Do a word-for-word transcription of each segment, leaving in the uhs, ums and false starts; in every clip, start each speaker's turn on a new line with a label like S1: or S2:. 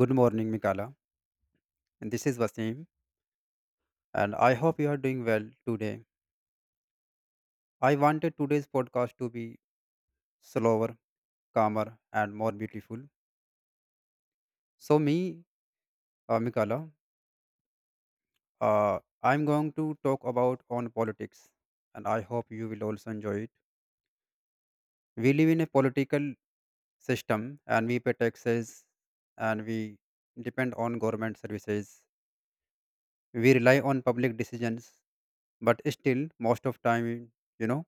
S1: Good morning, Mikala. And this is Vasim, and I hope you are doing well today. I wanted today's podcast to be slower, calmer, and more beautiful. So, me, uh, Mikala, uh, I'm going to talk about on politics, and I hope you will also enjoy it. We live in a political system, and we pay taxes, and we depend on government services. We rely on public decisions, but still, most of time, you know.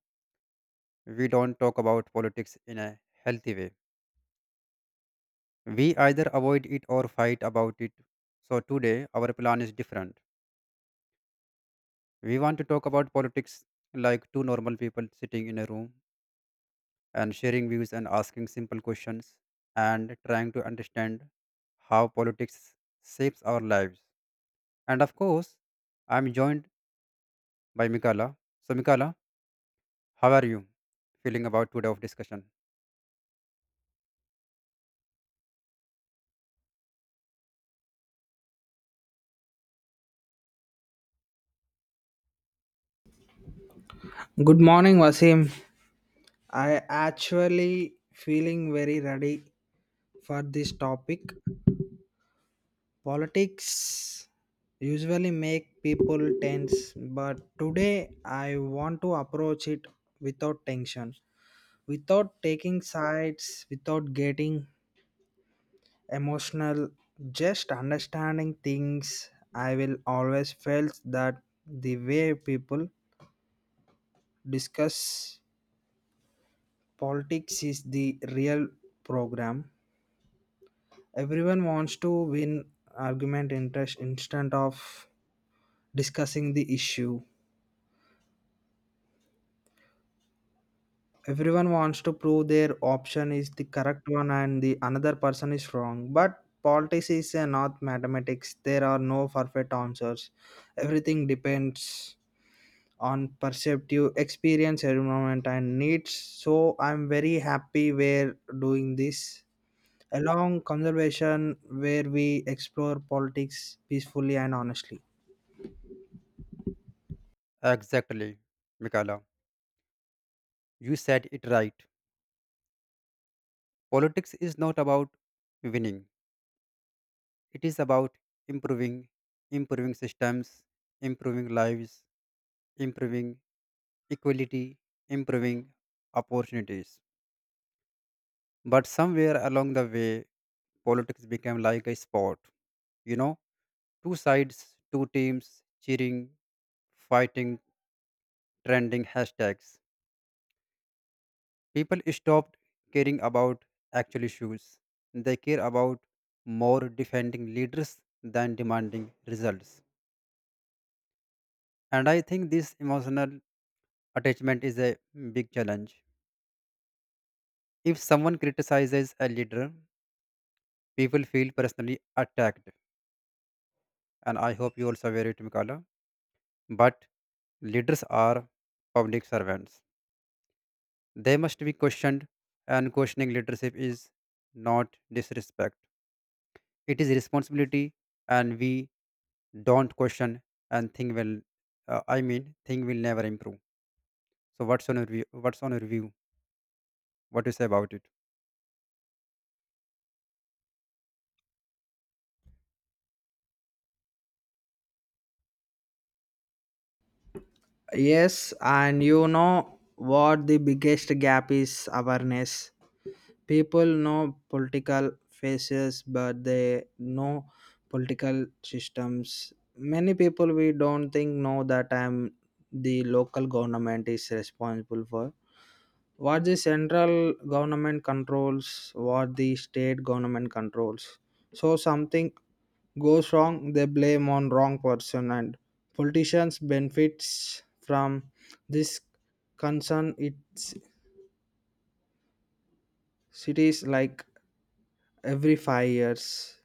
S1: we don't talk about politics in a healthy way. We either avoid it or fight about it. So today, our plan is different. We want to talk about politics like two normal people sitting in a room and sharing views and asking simple questions and trying to understand how politics shapes our lives. And of course, I'm joined by Mikala. So, Mikala, how are you feeling about today of discussion?
S2: Good morning, Wasim. I actually feeling very ready for this topic. Politics usually make people tense, but today I want to approach it without tension, without taking sides, without getting emotional, just understanding things. I will always felt that the way people discuss politics is the real program. Everyone wants to win argument interest instead of discussing the issue. Everyone wants to prove their option is the correct one and the another person is wrong. But politics is uh, not mathematics. There are no perfect answers. Everything depends on perceptive experience, environment, and needs. So I'm very happy we're doing this. Along conservation where we explore politics peacefully and honestly.
S1: Exactly, Mikala. You said it right. Politics is not about winning. It is about improving, improving systems, improving lives, improving equality, improving opportunities. But somewhere along the way, politics became like a sport. You know, two sides, two teams, cheering, fighting, trending hashtags. People stopped caring about actual issues. They care about more defending leaders than demanding results. And I think this emotional attachment is a big challenge. If someone criticizes a leader, people feel personally attacked. And I hope you also aware it, Mikala. But leaders are public servants. They must be questioned, and questioning leadership is not disrespect. It is responsibility, and we don't question and thing will, uh, I mean, thing will never improve. So what's on your view? What's on your view? What do you say about it?
S2: Yes, and you know what the biggest gap is awareness. People know political faces, but they know political systems. Many people we don't think know that I'm the local government is responsible for what the central government controls, what the state government controls. So something goes wrong, they blame on wrong person, and politicians benefits from this concern. It's cities like every five years,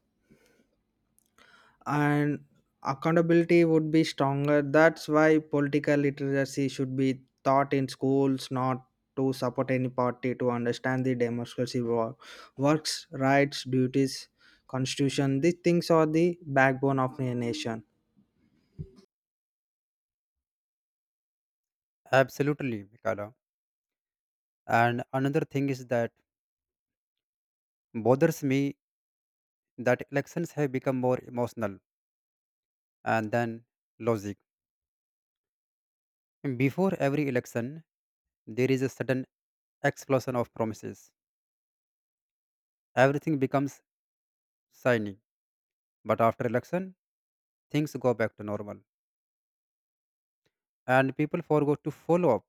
S2: and accountability would be stronger. That's why political literacy should be taught in schools, not to support any party to understand the democracy wo- works rights duties constitution. These things are the backbone of a nation.
S1: Absolutely, Mikala. And another thing is that bothers me that elections have become more emotional and then logic. Before every election, there is a sudden explosion of promises. Everything becomes shiny, but after election, things go back to normal and people forgot to follow up,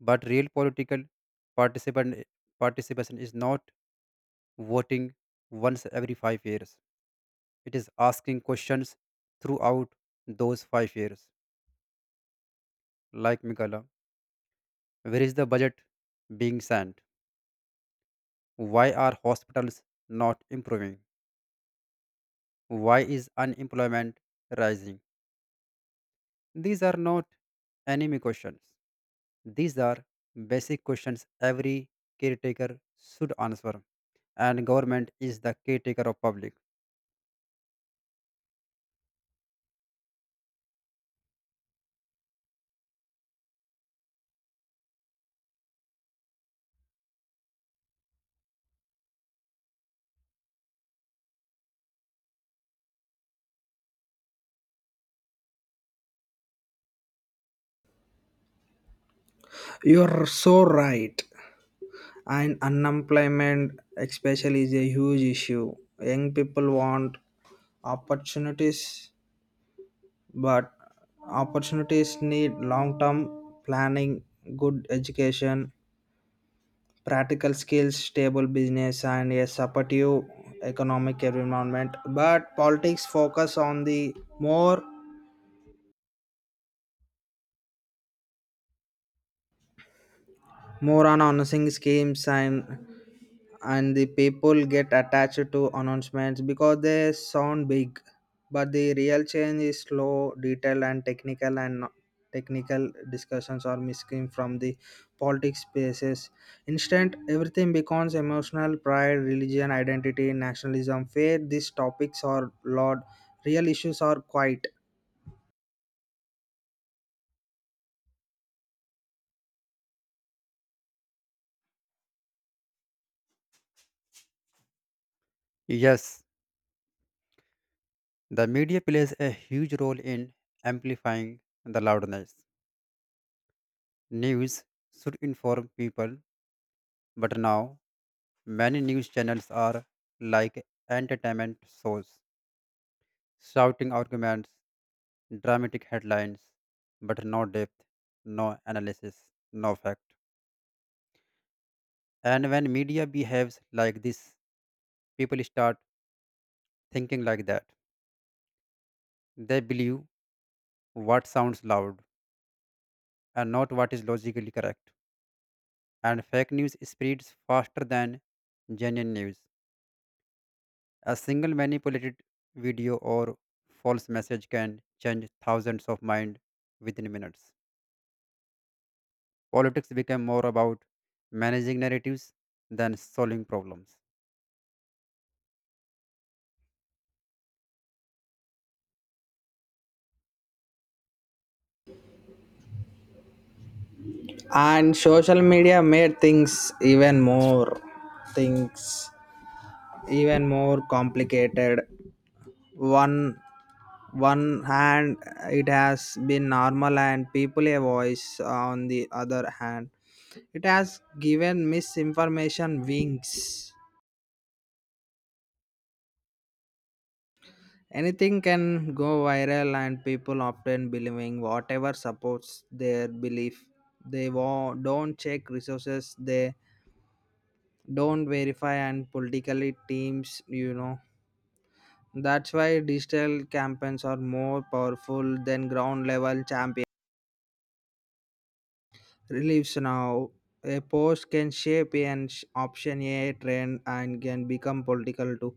S1: but real political participant participation is not voting once every five years. It is asking questions throughout those five years. Like Mikaela, where is the budget being sent? Why are hospitals not improving? Why is unemployment rising? These are not enemy questions. These are basic questions every caretaker should answer, and government is the caretaker of public.
S2: You're so right, and unemployment especially is a huge issue. Young people want opportunities, but opportunities need long term planning, good education, practical skills, stable business, and a supportive economic environment. But politics focus on the more more on announcing schemes, and and the people get attached to announcements because they sound big, but the real change is slow, detailed, and technical, and no- technical discussions are missing from the politics spaces. Instant everything becomes emotional: pride, religion, identity, nationalism, faith. These topics are loud. Real issues are quiet.
S1: Yes, the media plays a huge role in amplifying the loudness. News should inform people, but now many news channels are like entertainment shows, shouting arguments, dramatic headlines, but no depth, no analysis, no fact. And when media behaves like this, people start thinking like that. They believe what sounds loud and not what is logically correct. And fake news spreads faster than genuine news. A single manipulated video or false message can change thousands of minds within minutes. Politics became more about managing narratives than solving problems.
S2: And social media made things even more things even more complicated one one hand, it has been normal and people a voice. On the other hand, it has given misinformation wings. Anything can go viral and people often believing whatever supports their belief. They wa- don't check resources, they don't verify, and politically teams, you know, that's why digital campaigns are more powerful than ground level champions. Reliefs now. A post can shape an sh- option, a trend, and can become political too.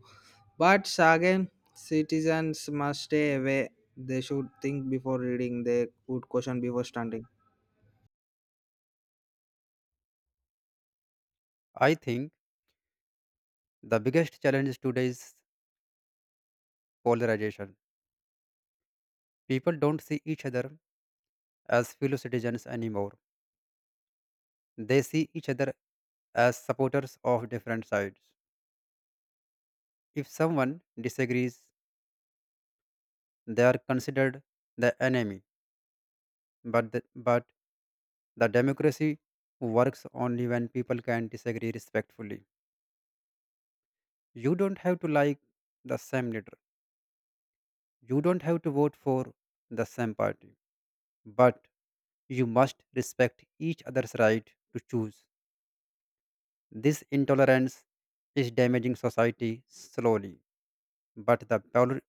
S2: But again, citizens must stay away. They should think before reading. They would question before standing.
S1: I think the biggest challenge is today's polarization. People don't see each other as fellow citizens anymore. They see each other as supporters of different sides. If someone disagrees, they are considered the enemy. But the, but the democracy works only when people can disagree respectfully. You don't have to like the same leader. You don't have to vote for the same party, but you must respect each other's right to choose. This intolerance is damaging society slowly, but the pol-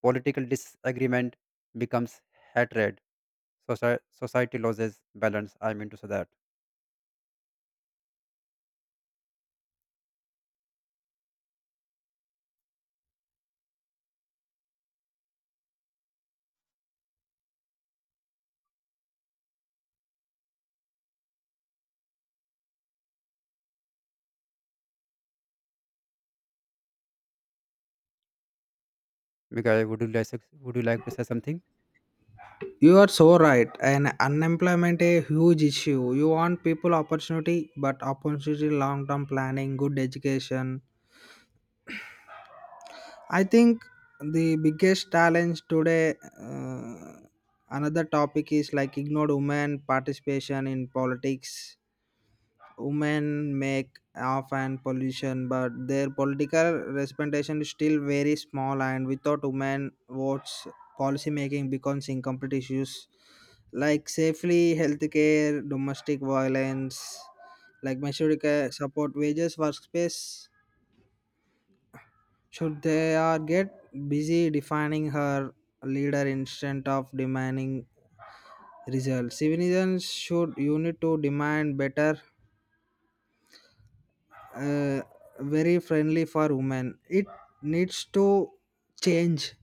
S1: political disagreement becomes hatred. Soci- society loses balance. I mean to say that. Because would you like would you like to say something?
S2: You are so right. And unemployment a huge issue. You want people opportunity, but opportunity long term planning, good education. I think the biggest challenge today, uh, another topic is like ignored women participation in politics. Women make often pollution, but their political representation is still very small. And without women votes, policy making becomes incomplete issues like safely healthcare, domestic violence, like measured care, support, wages, workspace. Should they are get busy defining her leader instead of demanding results? Civilians should you need to demand better, uh, very friendly for women. It needs to change.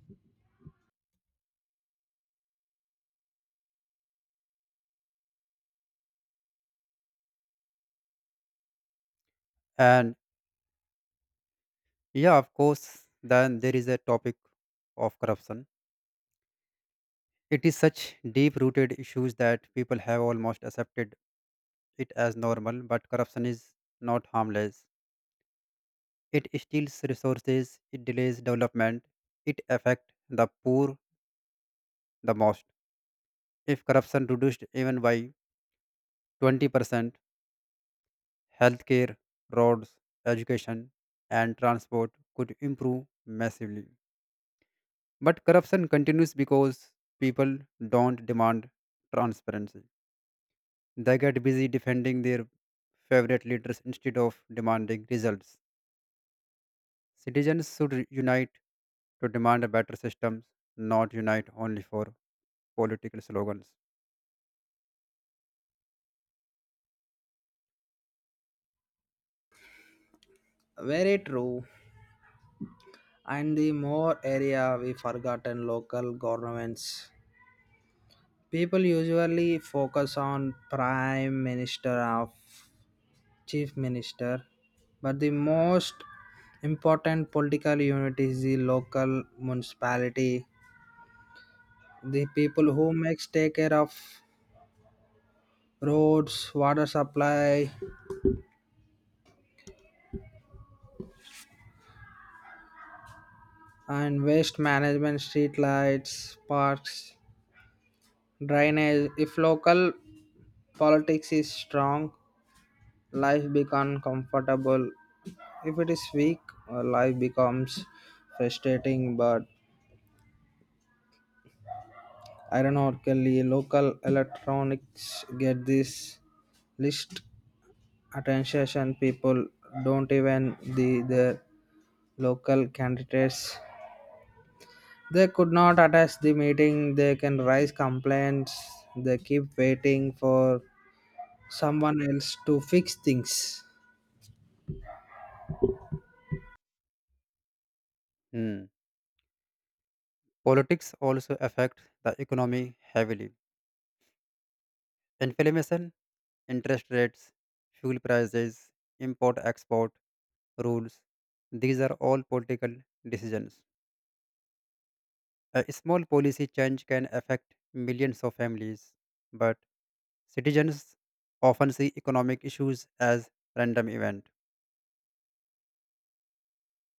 S1: And yeah, of course. Then there is a topic of corruption. It is such deep-rooted issues that people have almost accepted it as normal. But corruption is not harmless. It steals resources, it delays development, it affects the poor the most. If corruption reduced even by twenty percent, healthcare, roads, education, and transport could improve massively. But corruption continues because people don't demand transparency. They get busy defending their favorite leaders instead of demanding results. Citizens should unite to demand a better system, not unite only for political slogans.
S2: Very true. And the more area we forgotten local governments. People usually focus on prime minister of chief minister, but the most important political unit is the local municipality. The people who makes take care of roads, water supply, and waste management, street lights, parks, drainage. If local politics is strong, life becomes comfortable. If it is weak, uh, life becomes frustrating. But ironically, local electronics get this least attention. People don't even the their local candidates. They could not attend the meeting. They can raise complaints. They keep waiting for someone else to fix things.
S1: Hmm. Politics also affect the economy heavily. Inflation, interest rates, fuel prices, import export rules, these are all political decisions. A small policy change can affect millions of families, but citizens often see economic issues as random event.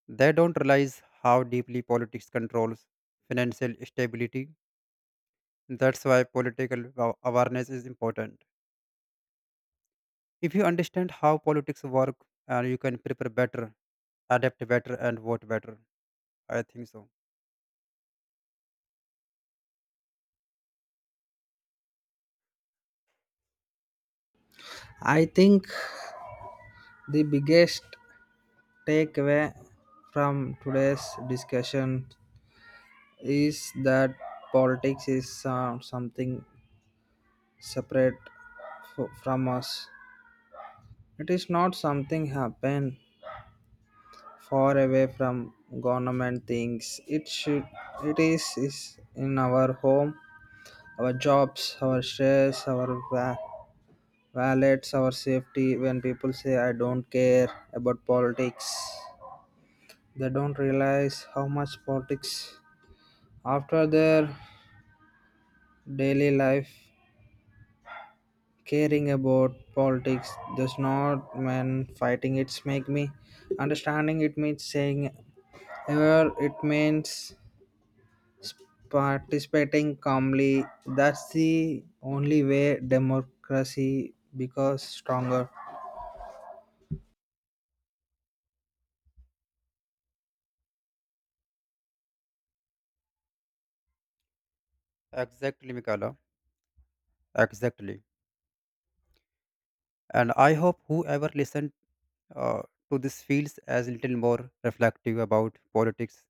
S1: They don't realize how deeply politics controls financial stability. That's why political wa- awareness is important. If you understand how politics work, uh, you can prepare better, adapt better, and vote better. I think so.
S2: I think the biggest takeaway from today's discussion is that politics is uh, something separate f- from us. It is not something happen far away from government things. It should it is, is in our home, our jobs, our stress, our wa- wallets, our safety. When people say I don't care about politics, they don't realize how much politics after their daily life. Caring about politics does not mean fighting. It's make me. Understanding it means saying ever it means participating calmly. That's the only way democracy becomes stronger.
S1: Exactly, Mikala. Exactly. And I hope whoever listened uh, to this feels as little more reflective about politics,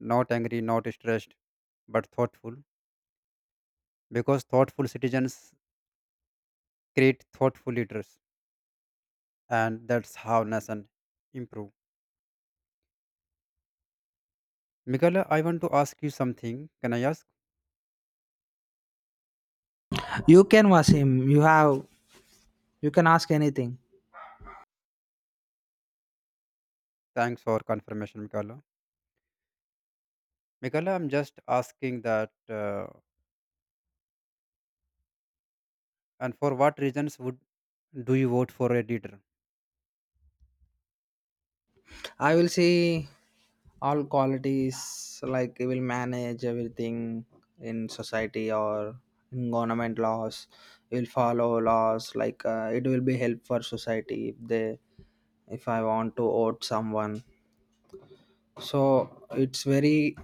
S1: not angry, not stressed, but thoughtful. Because thoughtful citizens create thoughtful leaders, and that's how nation improve. Mikala, I want to ask you something. Can I ask?
S2: You can Wasim, you have you can ask anything.
S1: Thanks for confirmation, Mikala. Mikaela, I'm just asking that, uh, and for what reasons would do you vote for a leader?
S2: I will see all qualities like we will manage everything in society or in government laws. We will follow laws like uh, it will be help for society if they if I want to vote someone. So it's very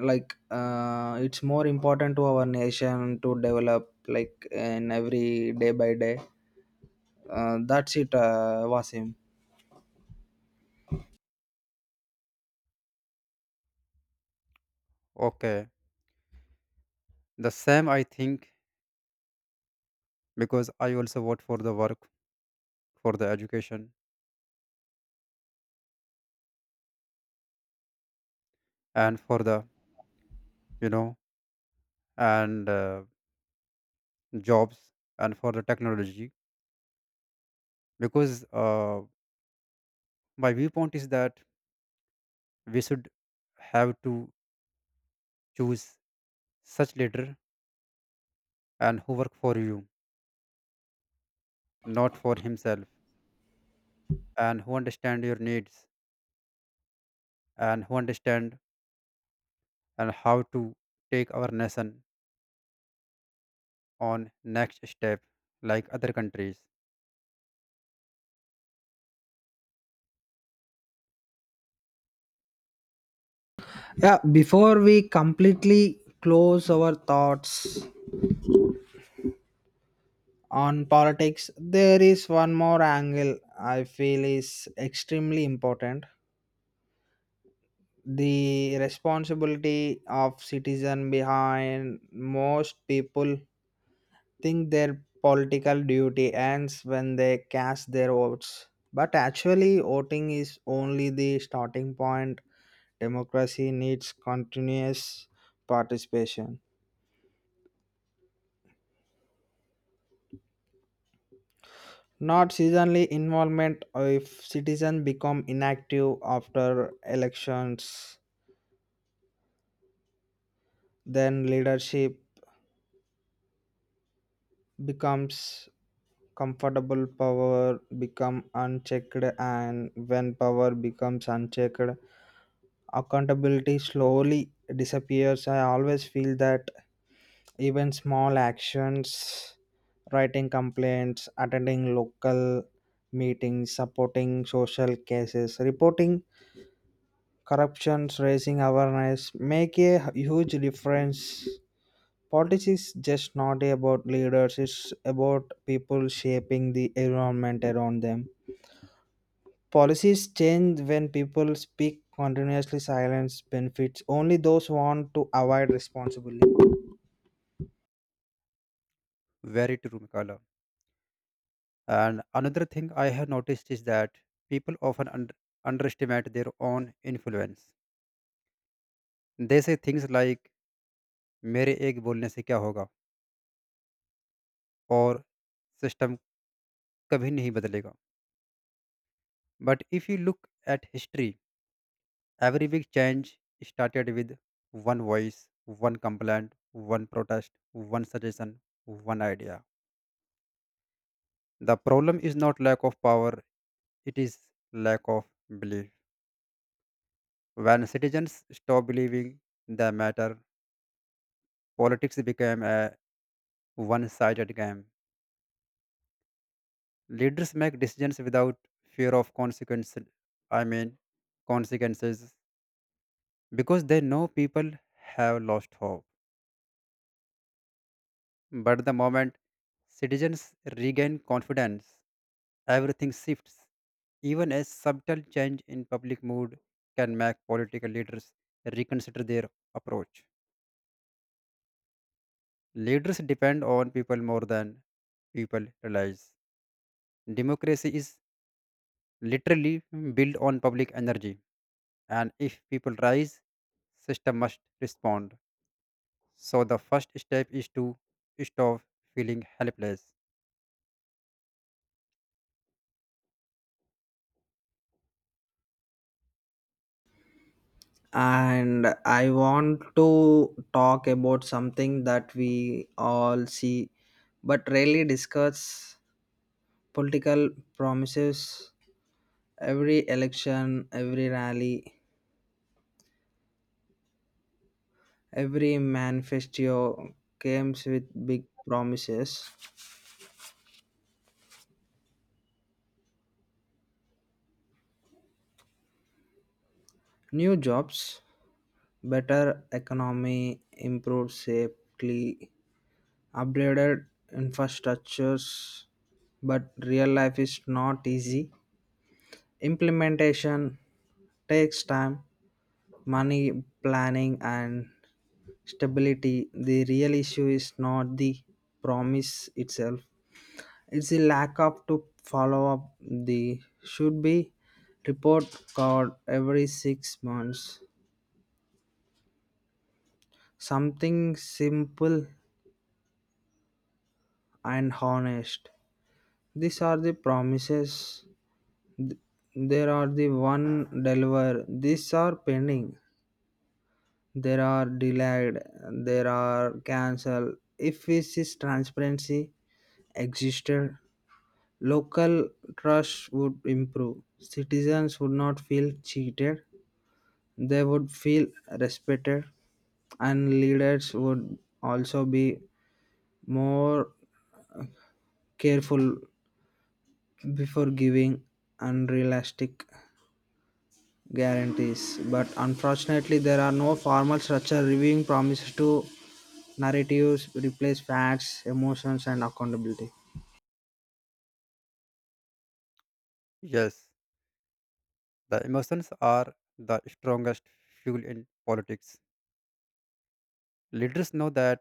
S2: like uh, it's more important to our nation to develop like in every day by day. Uh, that's it, uh, Wasim.
S1: Okay, the same I think, because I also vote for the work, for the education, and for the you know and uh, jobs and for the technology, because uh, my viewpoint is that we should have to choose such leader, and who work for you, not for himself, and who understand your needs and who understand and how to take our nation on next step like other countries.
S2: Yeah, before we completely close our thoughts on politics, there is one more angle I feel is extremely important. The responsibility of citizen behind most people think their political duty ends when they cast their votes. But actually voting is only the starting point. Democracy needs continuous participation. Not seasonally involvement if citizens become inactive after elections, then leadership becomes comfortable, power become unchecked, and when power becomes unchecked accountability slowly disappears. I always feel that even small actions, writing complaints, attending local meetings, supporting social cases, reporting corruptions, raising awareness make a huge difference. Politics is just not about leaders, it's about people shaping the environment around them. Policies change when people speak continuously, silence benefits only those who want to avoid responsibility.
S1: Very true, Mikala. And another thing I have noticed is that people often under, underestimate their own influence. They say things like मेरे एक बोलने से क्या होगा और system कभी नहीं बदलेगा but if you look at history every big change started with one voice one complaint one protest one suggestion one idea the problem is not lack of power. It is lack of belief. When citizens stop believing the matter, politics became a one sided game. Leaders make decisions without fear of consequences. I mean, consequences, because they know people have lost hope. But the moment citizens regain confidence, everything shifts. Even a subtle change in public mood can make political leaders reconsider their approach. Leaders depend on people more than people realize. Democracy is literally built on public energy, and if people rise, system must respond. So the first step is to stop feeling helpless.
S2: And I want to talk about something that we all see but rarely discuss: political promises. Every election, every rally, every manifesto comes with big promises. New jobs, better economy, improved safety, upgraded infrastructures. But real life is not easy. Implementation takes time, money, planning, and stability. The real issue is not the promise itself, it's a lack of to follow up. The should be report card every six months, something simple and honest. These are the promises, there are the one deliver, these are pending, there are delayed, there are cancelled. If this is transparency existed, local trust would improve, citizens would not feel cheated. They would feel respected, and leaders would also be more careful before giving unrealistic guarantees. But unfortunately, there are no formal structure reviewing promises to narratives replace facts, emotions, and accountability.
S1: Yes, the emotions are the strongest fuel in politics. Leaders know that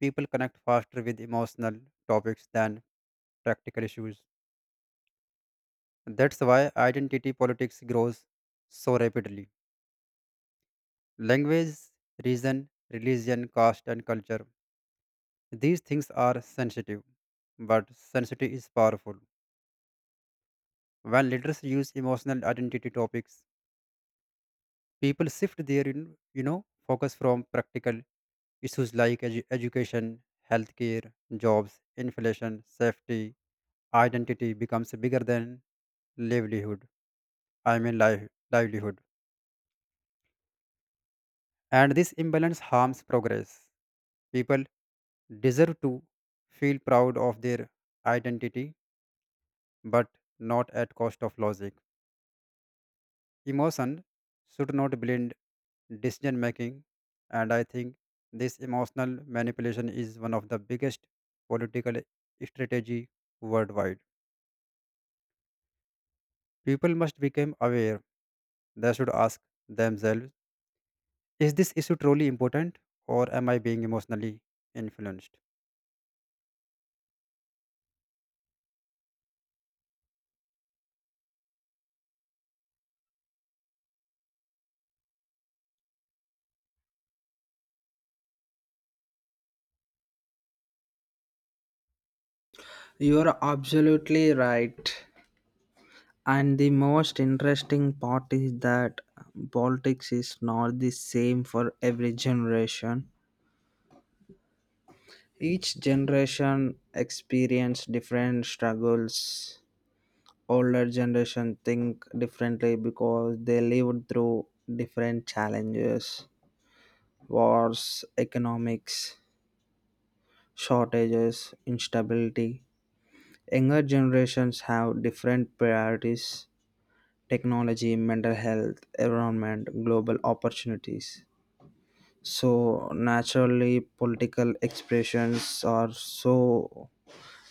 S1: people connect faster with emotional topics than practical issues. That's why identity politics grows so rapidly. Language, region, religion, caste, and culture. These things are sensitive, but sensitive is powerful. When leaders use emotional identity topics, people shift their you you know focus from practical issues like edu- education, healthcare, jobs, inflation, safety. Identity becomes bigger than livelihood. I mean life, livelihood, and this imbalance harms progress. People deserve to feel proud of their identity, but not at cost of logic. Emotion should not blend decision making, and I think this emotional manipulation is one of the biggest political strategy worldwide. People must become aware. They should ask themselves, is this issue truly important or am I being emotionally influenced?
S2: You are absolutely right. And the most interesting part is that politics is not the same for every generation. Each generation experience different struggles. Older generation think differently because they lived through different challenges, wars, economics, shortages, instability. Younger generations have different priorities: technology, mental health, environment, global opportunities. So naturally political expressions are so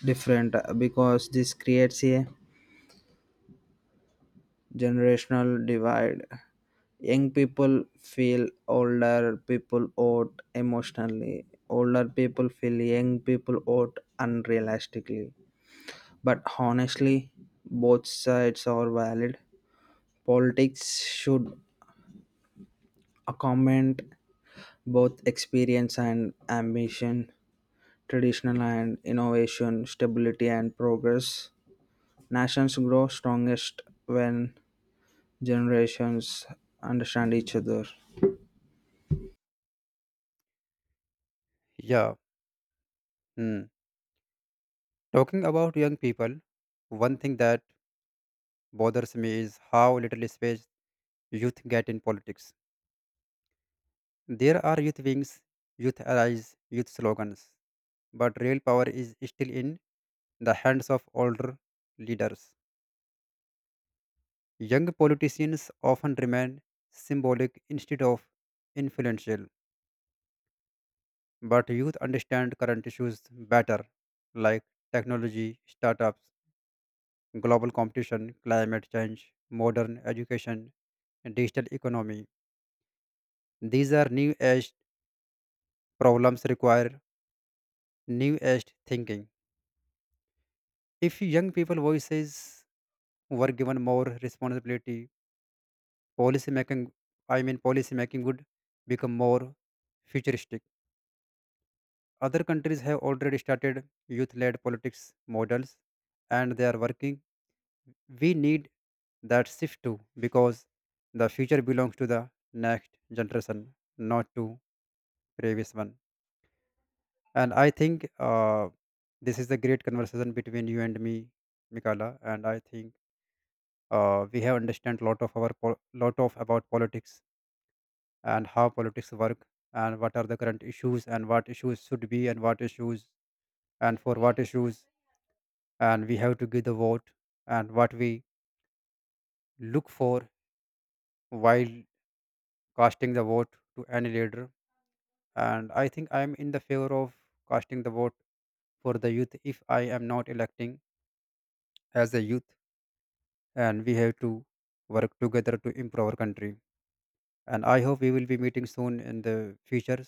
S2: different, uh, because this creates a generational divide. Young people feel older people out emotionally. Older people feel young people out unrealistically. But honestly, both sides are valid. Politics should accommodate both experience and ambition, traditional and innovation, stability and progress. Nations grow strongest when generations understand each other.
S1: Yeah. Hmm. Talking about young people, one thing that bothers me is how little space youth get in politics. There are youth wings, youth allies, youth slogans, but real power is still in the hands of older leaders. Young politicians often remain symbolic instead of influential, but youth understand current issues better, like technology, startups, global competition, climate change, modern education, and digital economy. These are new age problems require new age thinking. If young people voices were given more responsibility, policy making I mean policy making would become more futuristic. Other countries have already started youth led politics models and they are working. We need that shift too because the future belongs to the next generation, not to previous one. And I think uh, this is a great conversation between you and me, Mikala, and I think uh, we have understand lot of our po- lot of about politics and how politics work and what are the current issues and what issues should be and what issues and for what issues and we have to give the vote and what we look for while casting the vote to any leader. And I think I am in the favor of casting the vote for the youth, if I am not electing as a youth, and we have to work together to improve our country, and I hope we will be meeting soon in the future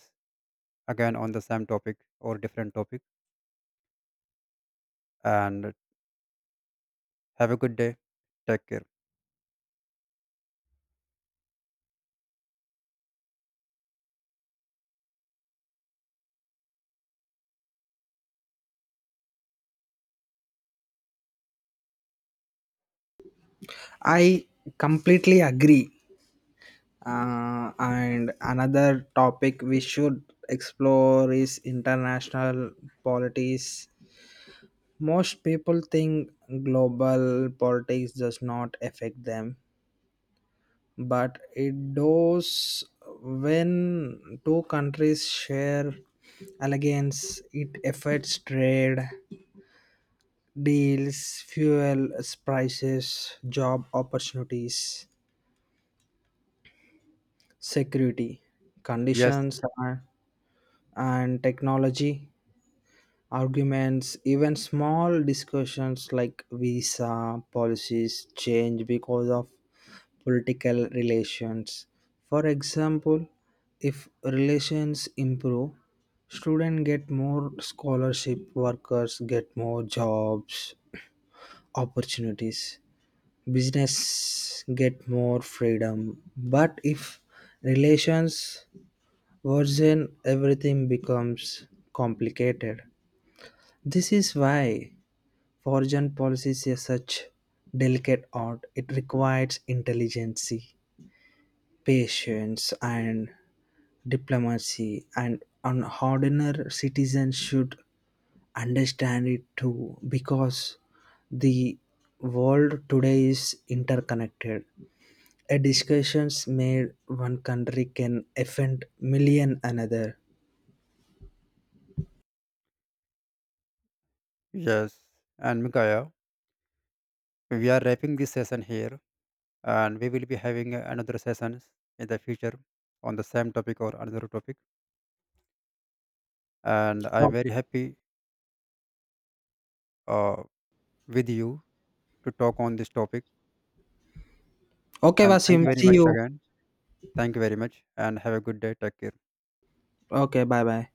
S1: again on the same topic or different topic. And have a good day. Take care.
S2: I completely agree. Uh, and another topic we should explore is international politics. Most people think global politics does not affect them, but it does. When two countries share allegiance, it affects trade deals, fuel prices, job opportunities, security,
S1: Yes,
S2: conditions, uh, and technology, arguments, even small discussions like visa policies change because of political relations. For example, if relations improve, students get more scholarship, workers get more jobs, opportunities, business get more freedom. But if relations worsen, everything becomes complicated. This is why foreign policy is such delicate art. It requires intelligence, patience, and diplomacy, and an ordinary citizen should understand it too, because the world today is interconnected. A discussions made one country can offend million another.
S1: yes. And Mikaya, we are wrapping this session here, and we will be having another sessions in the future on the same topic or another topic. And I'm very happy uh, with you to talk on this topic.
S2: Okay,
S1: And thank you
S2: Vasim.
S1: very
S2: See
S1: much
S2: you.
S1: again. Thank you very much, and have a good day. Take care.
S2: Okay, bye bye.